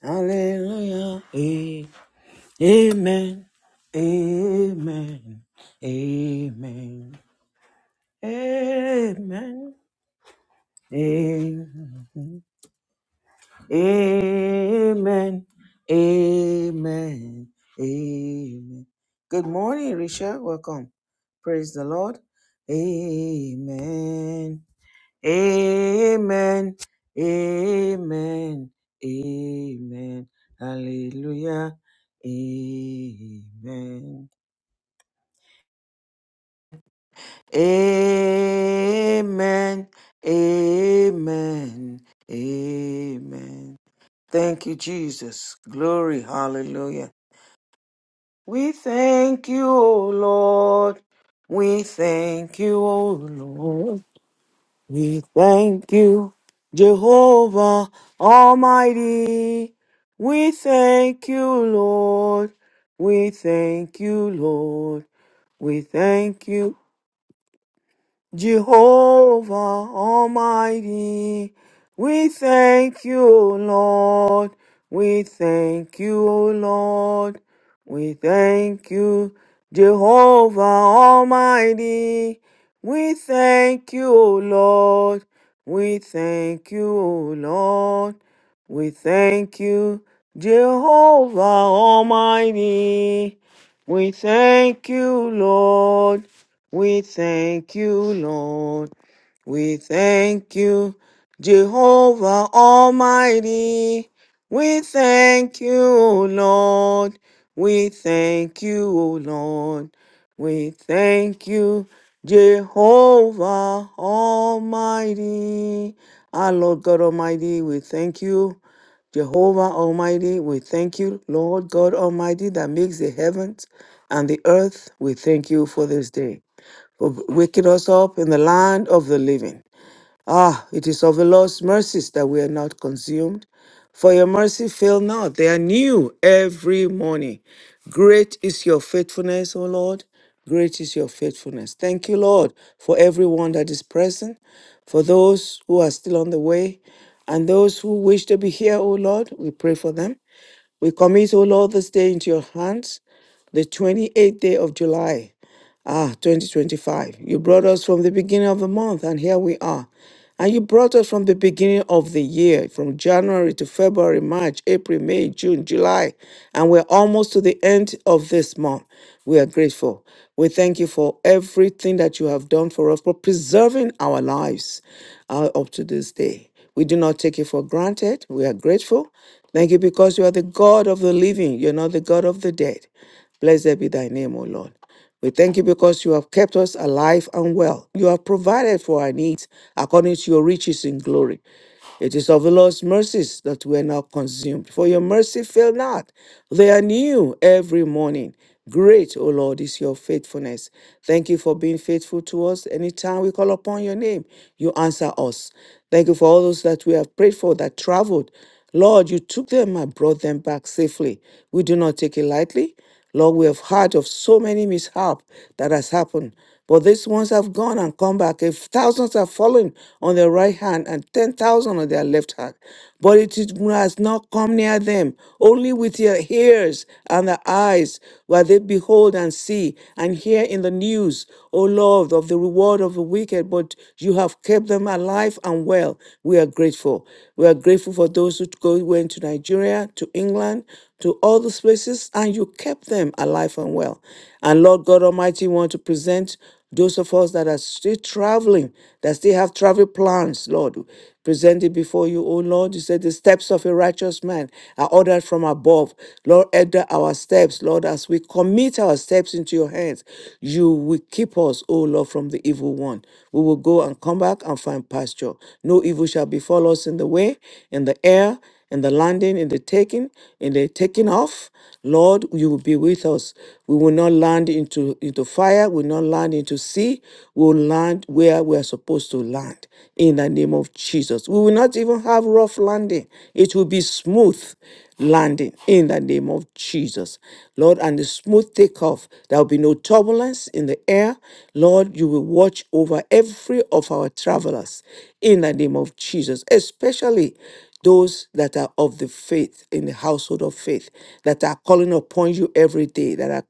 Hallelujah. A- Amen. Amen. Amen. Amen. Amen. Amen. Amen. Amen. Good morning, Risha. Welcome. Praise the Lord. Amen. Amen. Amen. Amen. Hallelujah. Amen. Amen. Amen. Amen. Thank you, Jesus. Glory. Hallelujah. We thank you, O Lord. We thank you, O Lord. We thank you, Jehovah Almighty. We thank you, Lord. We thank you, Lord. We thank you, Jehovah Almighty, we thank you, O Lord. We thank you, O Lord. We thank you, Jehovah Almighty. We thank you, O Lord. We thank you, O Lord. We thank you, Jehovah Almighty. We thank you, Lord. We thank you, Lord. We thank you, Jehovah Almighty. We thank you, O Lord. We thank you, O Lord. We thank you, Jehovah Almighty. Our Lord God Almighty, we thank you. Jehovah Almighty, we thank you, Lord God Almighty, that makes the heavens and the earth. We thank you for this day for waking us up in the land of the living. Ah, it is of the Lord's mercies that we are not consumed, for your mercy fail not. They are new every morning. Great is your faithfulness, O Lord. Great is your faithfulness. Thank you, Lord, for everyone that is present, for those who are still on the way, and those who wish to be here, O Lord. We pray for them. We commit, O Lord, this day into your hands, the 28th day of July. Ah, 2025. You brought us from the beginning of the month, and here we are. And you brought us from the beginning of the year, from January to February, March, April, May, June, July. And we're almost to the end of this month. We are grateful. We thank you for everything that you have done for us, for preserving our lives uh, up to this day. We do not take it for granted. We are grateful. Thank you because you are the God of the living, you're not the God of the dead. Blessed be thy name, O Lord. We thank you because you have kept us alive and well. You have provided for our needs according to your riches in glory. It is of the Lord's mercies that we are not consumed, for your mercy fail not. They are new every morning. Great, O Lord, is your faithfulness. Thank you for being faithful to us. Anytime we call upon your name, you answer us. Thank you for all those that we have prayed for that traveled. Lord, you took them and brought them back safely. We do not take it lightly. Lord, we have heard of so many mishap that has happened. But these ones have gone and come back. If thousands have fallen on their right hand and 10,000 on their left hand, but it is- has not come near them. Only with their ears and their eyes where they behold and see and hear in the news, O Lord, of the reward of the wicked. But you have kept them alive and well. We are grateful. We are grateful for those who go, went to Nigeria, to England, to all those places, and you you kept them alive and well. And Lord God Almighty, we want to present those of us that are still traveling, that still have travel plans, Lord, present it before you, O Lord. You said the steps of a righteous man are ordered from above. Lord, order our steps, Lord, as we commit our steps into your hands. You will keep us, O Lord, from the evil one. We will go and come back and find pasture. No evil shall befall us in the way, in the air and the landing and the taking and the taking off. Lord, you will be with us. We will not land into, into fire, we will not land into sea, we will land where we are supposed to land in the name of Jesus. We will not even have rough landing, it will be smooth landing in the name of Jesus. Lord, and the smooth takeoff, there will be no turbulence in the air. Lord, you will watch over every of our travelers in the name of Jesus, especially those that are of the faith in the household of faith that are calling upon you every day that are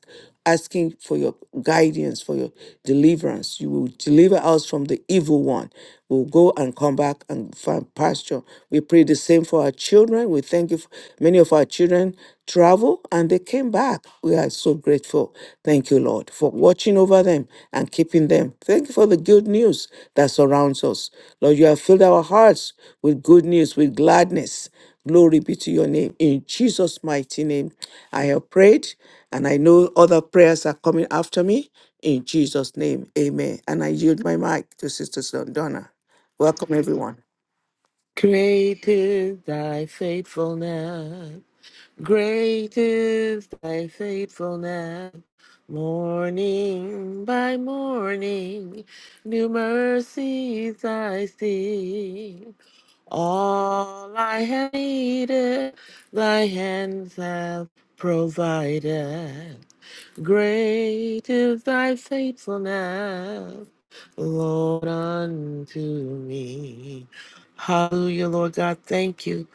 asking for your guidance for your deliverance you will deliver us from the evil one we'll go and come back and find pasture we pray the same for our children we thank you Many of our children travel and they came back. We are so grateful. Thank you, Lord, for watching over them and keeping them. Thank you for the good news that surrounds us. Lord, you have filled our hearts with good news, with gladness. Glory be to your name. In Jesus' mighty name, I have prayed, and I know other prayers are coming after me. In Jesus' name, amen. And I yield my mic to Sister Donna. Welcome, everyone. Great is thy faithfulness. Great is thy faithfulness. Morning by morning, new mercies I see. All I have needed, thy hands have provided. Great is thy faithfulness, Lord, unto me. Hallelujah, Lord God. Thank you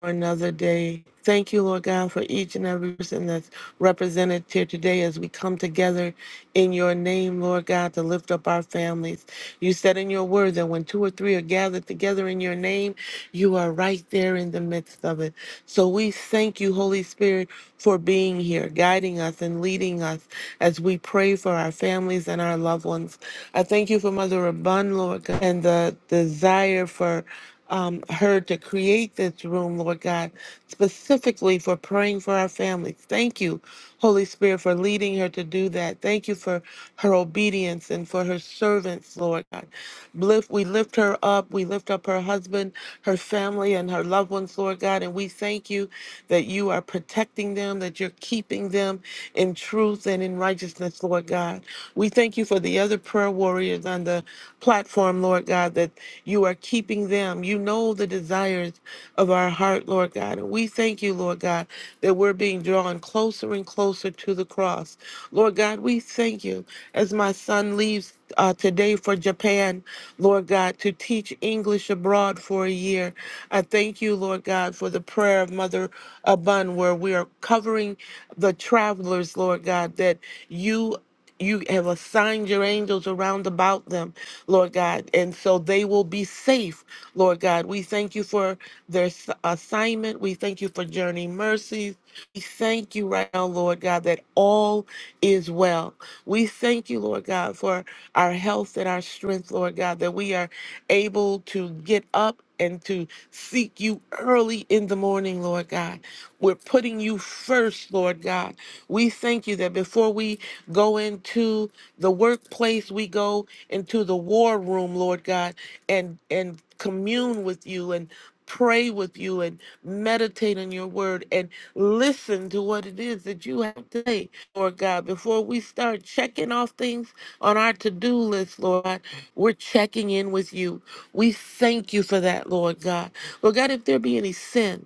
for another day. Thank you, Lord God, for each and every person that's represented here today as we come together in your name, Lord God, to lift up our families. You said in your word that when two or three are gathered together in your name, you are right there in the midst of it. So we thank you, Holy Spirit for being here, guiding us and leading us as we pray for our families and our loved ones. I thank you for Mother Rabun, Lord God, and the desire for um, her to create this room, Lord God, specifically for praying for our families. Thank you Holy Spirit, for leading her to do that. Thank you for her obedience and for her servants, Lord God. Lift, we lift her up. We lift up her husband, her family, and her loved ones, Lord God. And we thank you that you are protecting them, that you're keeping them in truth and in righteousness, Lord God. We thank you for the other prayer warriors on the platform, Lord God, that you are keeping them um, you know the desires of our heart, Lord God. And we thank you, Lord God, that we're being drawn closer and closer to the cross. Lord God, we thank you as my son leaves uh, today for Japan, Lord God, to teach English abroad for a year. I thank you, Lord God, for the prayer of Mother Abun, where we are covering the travelers, Lord God, that you you have assigned your angels around about them, Lord God, and so they will be safe, Lord God. We thank you for their s- assignment. We thank you for journey mercies. We thank you right now, Lord God, that all is well. We thank you, Lord God, for our health and our strength, Lord God, that we are able to get up and to seek you early in the morning, Lord God. We're putting you first, Lord God. We thank you that before we go into the workplace, we go into the war room, Lord God, and and commune with you and pray with you and meditate on your word and listen to what it is that you have to say, Lord God. Before we start checking off things on our to-do list, Lord God, we're checking in with you. We thank you for that, Lord God. Lord God, if there be any sin,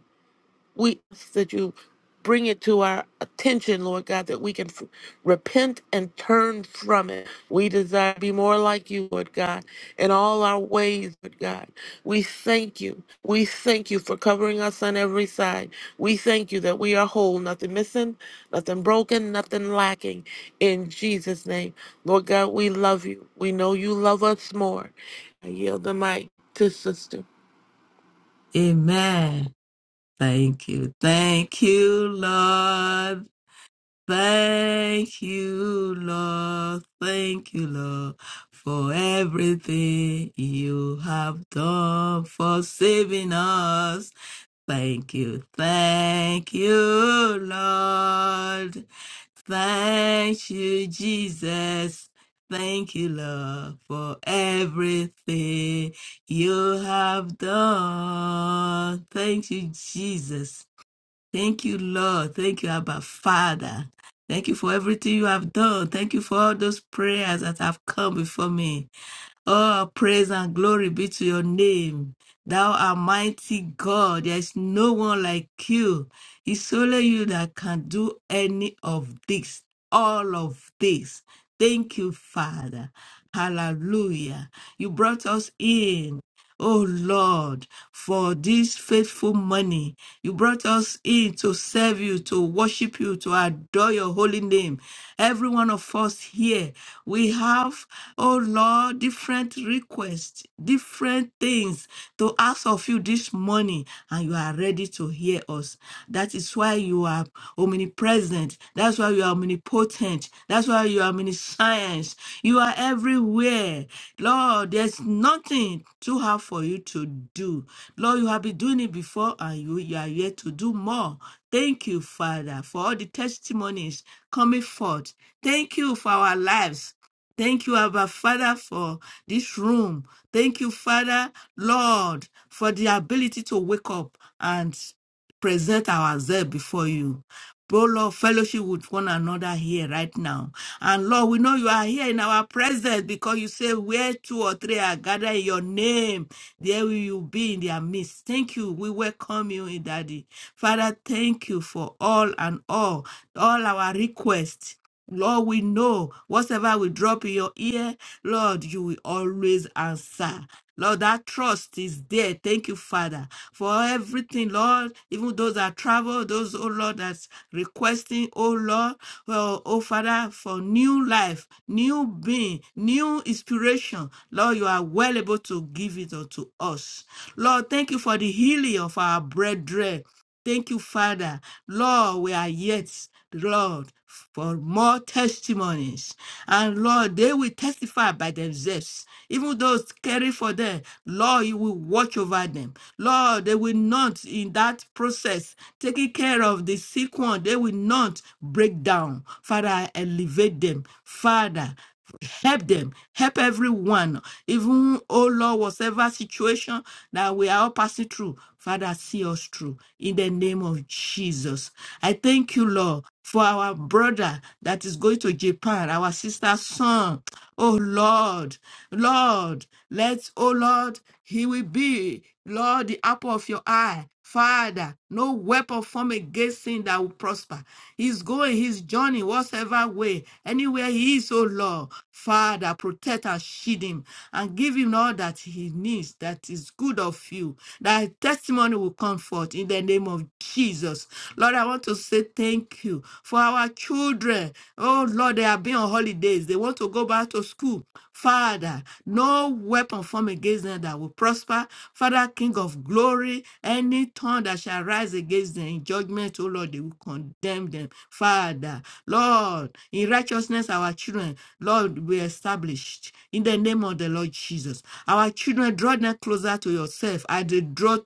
we ask that you bring it to our attention, Lord God, that we can f- repent and turn from it. We desire to be more like you, Lord God, in all our ways, Lord God. We thank you. We thank you for covering us on every side. We thank you that we are whole, nothing missing, nothing broken, nothing lacking. In Jesus' name, Lord God, we love you. We know you love us more. I yield the mic to sister. Amen. Thank you. Thank you, Lord. Thank you, Lord. Thank you, Lord, for everything you have done for saving us. Thank you. Thank you, Lord. Thank you, Jesus. Thank you, Lord, for everything you have done. Thank you, Jesus. Thank you, Lord. Thank you, Abba Father. Thank you for everything you have done. Thank you for all those prayers that have come before me. Oh, praise and glory be to your name. Thou art mighty God. There is no one like you. It's only you that can do any of this, all of this. Thank you, Father. Hallelujah. You brought us in. Oh Lord, for this faithful money, you brought us in to serve you, to worship you, to adore your holy name. Every one of us here, we have, oh Lord, different requests, different things to ask of you this morning, and you are ready to hear us. That is why why you are omnipresent. That's why you are omnipotent. That's why you are omniscience. You are everywhere. Lord, there's nothing too hard for you to do. Lord, you have been doing it before and you, you are yet to do more. Thank you, Father, for all the testimonies coming forth. Thank you for our lives. Thank you, Abba Father, for this room. Thank you, Father, Lord, for the ability to wake up and present ourselves before you. Oh Lord, fellowship with one another here right now. And Lord, we know you are here in our presence because you say where two or three are gathered in your name, there will you be in their midst. Thank you. We welcome you in Daddy. Father, thank you for all and all, all our requests. Lord, we know whatever we drop in your ear, Lord, you will always answer. Lord, that trust is there. Thank you, Father, for everything, Lord. Even those that travel, those, oh Lord, that's requesting, oh Lord, well, oh Father, for new life, new being, new inspiration. Lord, you are well able to give it unto us. Lord, thank you for the healing of our brethren. Thank you, Father. Lord, we are yet, Lord, for more testimonies. And Lord, they will testify by themselves. Even those caring for them, Lord, you will watch over them. Lord, they will not, in that process, taking care of the sick one, they will not break down. Father, elevate them. Father, help them, help everyone, even, oh Lord, whatever situation that we are all passing through. Father, see us through in the name of Jesus. I thank you, Lord, for our brother that is going to Japan, our sister's son. Oh Lord, Lord, let, oh Lord, he will be, Lord, the apple of your eye. Father, no weapon formed against him that will prosper. He's going his journey, whatsoever way, anywhere he is, oh Lord. Father, protect and shield him and give him all that he needs that is good of you. That testimony will come forth in the name of Jesus. Lord, I want to say thank you for our children. Oh Lord, they have been on holidays. They want to go back to school. Father, no weapon formed against them that will prosper. Father, King of glory, any tongue that shall rise against them in judgment, oh Lord, they will condemn them. Father, Lord, in righteousness, our children, Lord, we established in the name of the Lord Jesus. Our children, draw them closer to yourself as they draw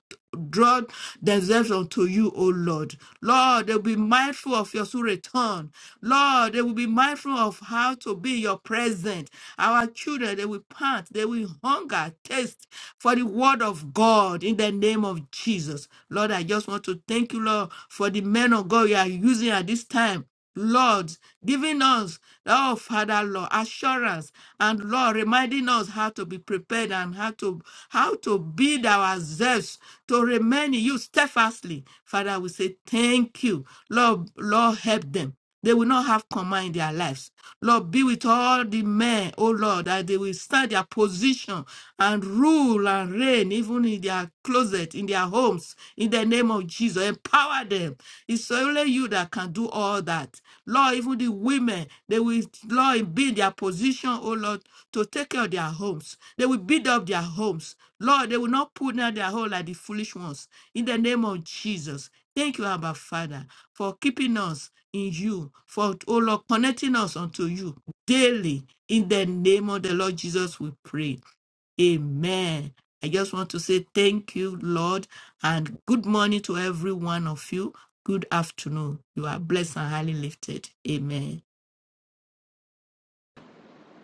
draw themselves unto you, O Lord. Lord, they will be mindful of your soon return. Lord, they will be mindful of how to be in your present. Our children, they will pant, they will hunger, taste for the word of God in the name of Jesus. Lord, I just want to thank you, Lord, for the men of God you are using at this time Lord, giving us, oh Father, Lord, assurance and Lord, reminding us how to be prepared and how to how to build ourselves to remain in you steadfastly. Father, we say thank you. Lord, Lord, help them. They will not have command in their lives. Lord, be with all the men, oh Lord, that they will stand their position and rule and reign, even in their closet, in their homes, in the name of Jesus. Empower them. It's only you that can do all that. Lord, even the women, they will, Lord, be in their position, oh Lord, to take care of their homes. They will build up their homes. Lord, they will not put down their home like the foolish ones. In the name of Jesus. Thank you, Abba Father, for keeping us in you, for, oh Lord, connecting us unto you daily. In the name of the Lord Jesus, we pray. Amen. I just want to say thank you, Lord, and good morning to every one of you. Good afternoon. You are blessed and highly lifted. Amen.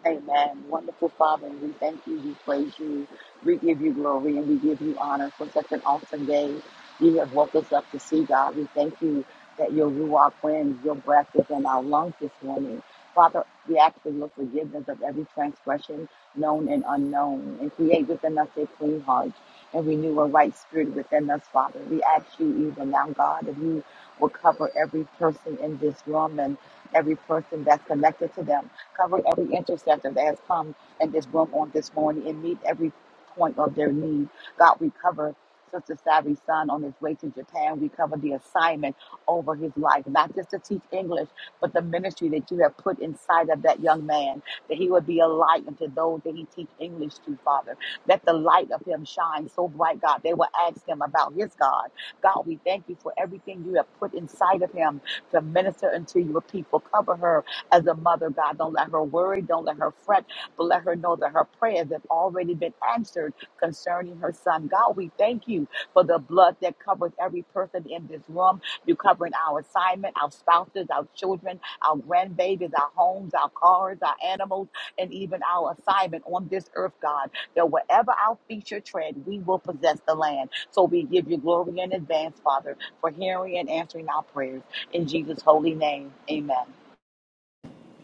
Amen. Wonderful Father, we thank you, we praise you, we give you glory, and we give you honor for such an awesome day you have woke us up to see, God. We thank you that your Ruach wind, your breath is in our lungs this morning. Father, we ask for your forgiveness of every transgression, known and unknown, and create within us a clean heart and renew a right spirit within us, Father. We ask you even now, God, that you will cover every person in this room and every person that's connected to them. Cover every intercessor that has come in this room on this morning and meet every point of their need. God, we cover Sister Savvy's son on his way to Japan. We cover the assignment over his life, not just to teach English, but the ministry that you have put inside of that young man, that he would be a light unto those that he teach English to, Father. Let the light of him shine so bright, God. They will ask him about his God. God, we thank you for everything you have put inside of him to minister unto your people. Cover her as a mother, God. Don't let her worry, don't let her fret, but let her know that her prayers have already been answered concerning her son. God, we thank you for the blood that covers every person in this room. You're covering our assignment, our spouses, our children, our grandbabies, our homes, our cars, our animals, and even our assignment on this earth, God, that wherever our feet shall tread, we will possess the land. So we give you glory in advance, Father, for hearing and answering our prayers. In Jesus' holy name, amen.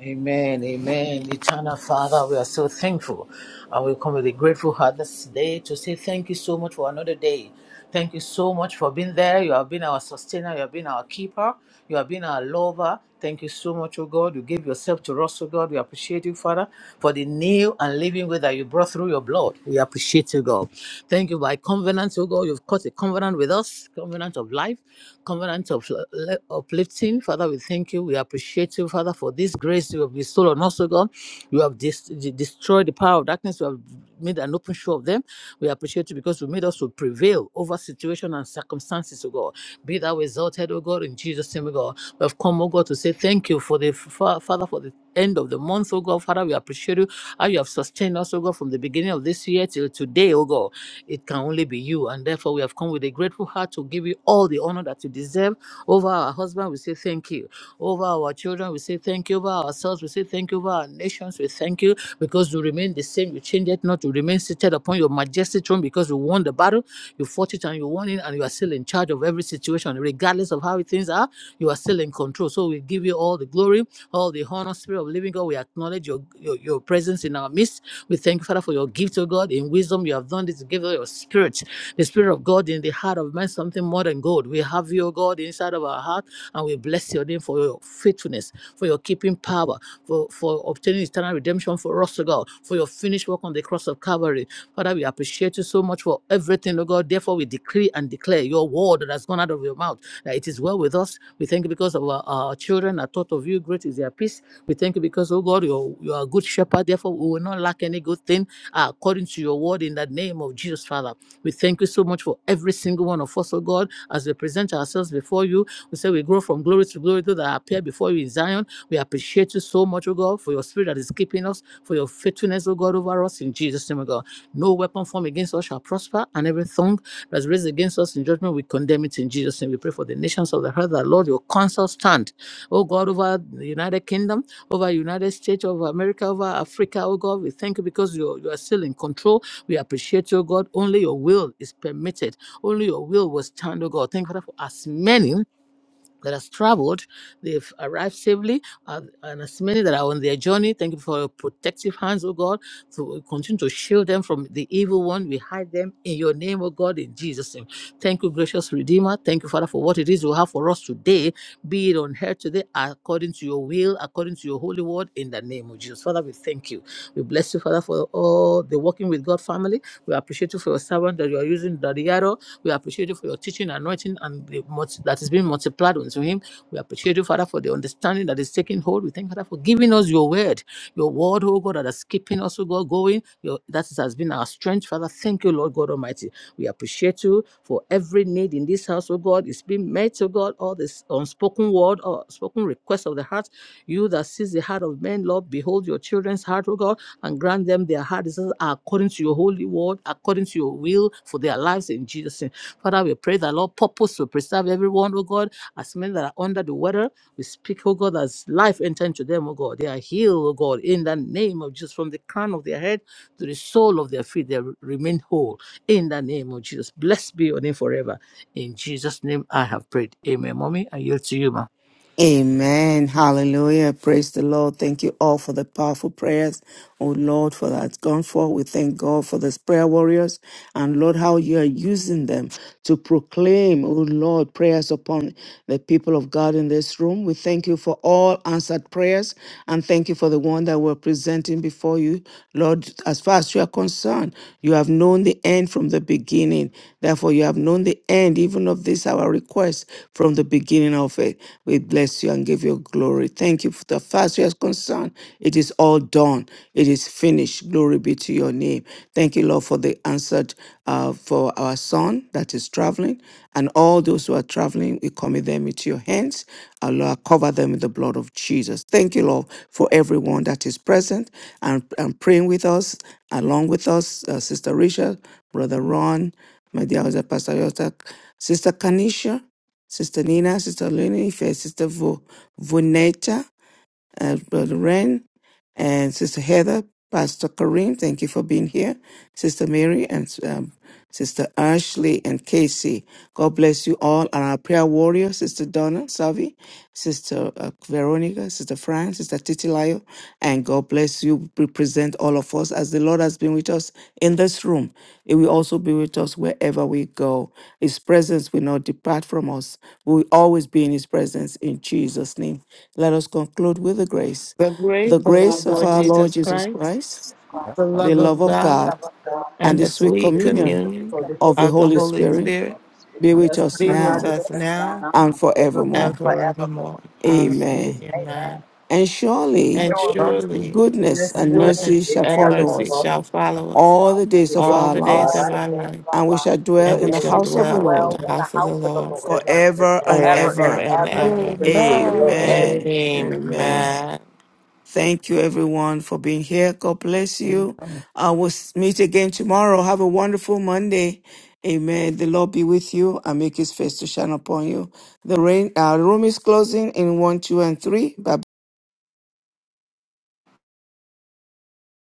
Amen, amen. Eternal Father, we are so thankful. And we come with a grateful heart this day to say thank you so much for another day. Thank you so much for being there. You have been our sustainer, you have been our keeper, you have been our lover. Thank you so much, O God. You gave yourself to us, oh oh God. We appreciate you, Father, for the new and living way that you brought through your blood. We appreciate you, God. Thank you. By covenant, oh God, you've cut a covenant with us, covenant of life, covenant of uh, uplifting. Father, we thank you. We appreciate you, Father, for this grace you have bestowed on us, oh God. You have dis- de- destroyed the power of darkness. You have made an open show of them. We appreciate you because you made us to prevail over situation and circumstances, oh God. Be thou exalted, oh God, in Jesus' name, oh God. We have come, oh God, to say thank you for the Fa- Father for the end of the month, oh God. Father, we appreciate you how you have sustained us, oh God, from the beginning of this year till today, oh God. It can only be you. And therefore, we have come with a grateful heart to give you all the honor that you deserve. Over our husband, we say thank you. Over our children, we say thank you. Over ourselves, we say thank you. Over our nations, we thank you because you remain the same. You change it not. You remain seated upon your majestic throne because you won the battle. You fought it and you won it, and you are still in charge of every situation, regardless of how things are. You are still in control. So we give you all the glory. All the honor, Spirit of Living God, we acknowledge your, your, your presence in our midst. We thank you, Father, for your gift, O God. In wisdom, you have done this to give us your spirit, the spirit of God in the heart of man, something more than gold. We have you, O God, inside of our heart, and we bless your name for your faithfulness, for your keeping power, for, for obtaining eternal redemption for us, O God, for your finished work on the cross of Calvary. Father, we appreciate you so much for everything, O God. Therefore, we decree and declare your word that has gone out of your mouth. That it is well with us. We thank you because of our, our children are taught of you. Great is their peace. We thank you because, oh God, you are you are a good shepherd. Therefore, we will not lack any good thing uh, according to your word in the name of Jesus, Father. We thank you so much for every single one of us, oh God, as we present ourselves before you. We say we grow from glory to glory, though that appear before you in Zion. We appreciate you so much, oh God, for your spirit that is keeping us, for your faithfulness, oh God, over us in Jesus' name, oh God. No weapon formed against us shall prosper, and every everything that's raised against us in judgment, we condemn it in Jesus' name. We pray for the nations of the earth that, Lord, your counsel stand, oh God, over the United Kingdom, over United States of America, over Africa, oh God. We thank you because you you are still in control. We appreciate you, oh God. Only your will is permitted. Only your will will stand, oh God. Thank you, Father, for as many that has traveled. They've arrived safely, uh, and as many that are on their journey, thank you for your protective hands, oh God. To continue to shield them from the evil one. We hide them in your name, oh God, in Jesus' name. Thank you, gracious Redeemer. Thank you, Father, for what it is you have for us today. Be it on earth today, according to your will, according to your holy word, in the name of Jesus. Father, we thank you. We bless you, Father, for all the working with God family. We appreciate you for your servant that you are using, Daddy we appreciate you for your teaching, and anointing, and the multi- that is being multiplied unto him. We appreciate you, Father, for the understanding that is taking hold. We thank you, Father, for giving us your word, your word, oh God, that is keeping us, oh God, going. Your, that is- has been our strength, Father. Thank you, Lord God Almighty. We appreciate you for every need in this house, oh God. It's been met, oh God, all this unspoken word or spoken request of the heart. You that sees the heart of men, Lord, behold your children's heart, O God, and grant them their heart desires according to your holy word, according to your will for their lives in Jesus' name. Father, we pray that Lord purpose will preserve everyone, oh God, as many that are under the weather. We speak, oh God, as life enter into them, oh God. They are healed, oh God, in the name of Jesus, from the crown of their head to the sole of their feet, they remain whole in the name of Jesus. Blessed be your name forever. In Jesus' name I have prayed. Amen. Mommy, I yield to you, ma. Amen. Hallelujah. Praise the Lord. Thank you all for the powerful prayers. Oh Lord, for that gone for. We thank God for these prayer warriors and Lord, how you are using them to proclaim, oh Lord, prayers upon the people of God in this room. We thank you for all answered prayers and thank you for the one that we're presenting before you. Lord, as far as you are concerned, you have known the end from the beginning. Therefore, you have known the end even of this our request from the beginning beginning of it. We bless you and give you glory. Thank you for the fast you are concerned. It is all done. It is finished. Glory be to your name. Thank you, Lord, for the answered uh, for our son that is traveling and all those who are traveling. We commit them into your hands. Uh, Lord, cover them with the blood of Jesus. Thank you, Lord, for everyone that is present and, and praying with us, along with us, uh, Sister Rachel, Brother Ron, my dear husband, Pastor Yota, Sister Kanisha. Sister Nina, Sister Lunife, Sister Vo, Vonetta, uh, Brother Ren, and Sister Heather, Pastor Kareem, thank you for being here. Sister Mary and um, Sister Ashley and Casey, God bless you all. And our prayer warrior, Sister Donna Savi, Sister uh, Veronica, Sister Fran, Sister Titilayo, and God bless you. Represent all of us as the Lord has been with us in this room. It will also be with us wherever we go. His presence will not depart from us. We will always be in His presence in Jesus' name. Let us conclude with the grace. The grace The of our grace of Lord our Lord Jesus Jesus Christ Lord Christ, Jesus Christ, the the love love of of God, God, love of God, and and the the sweet and sweet the communion sweet communion for the whole of the communion, of the Holy Holy Spirit Spirit Holy be Spirit, with us be with be now with us us now now now and ever and and forevermore. forevermore. forevermore. Hallelujah. and Amen. Amen. Amen. And surely And Surely, surely goodness and goodness mercy goodness shall and and follow mercy us mercy shall follow us all follow the days of all our the days all of lives, the our days life, of our and we shall lives. dwell and in we the ever. shall We house of should the dwell in Lord dwell the in the house of the house of the Lord Lord ever and forever ever. and forever forever and ever. and ever. The ever. Praise of the Lord. Amen. Amen. Amen. Amen. Thank you, everyone, for being here. God bless you. I will s- meet again tomorrow. Have a wonderful Monday. Amen. The Lord be with you and make his face to shine upon you. The rain, our room is closing in one, two, and three. Bye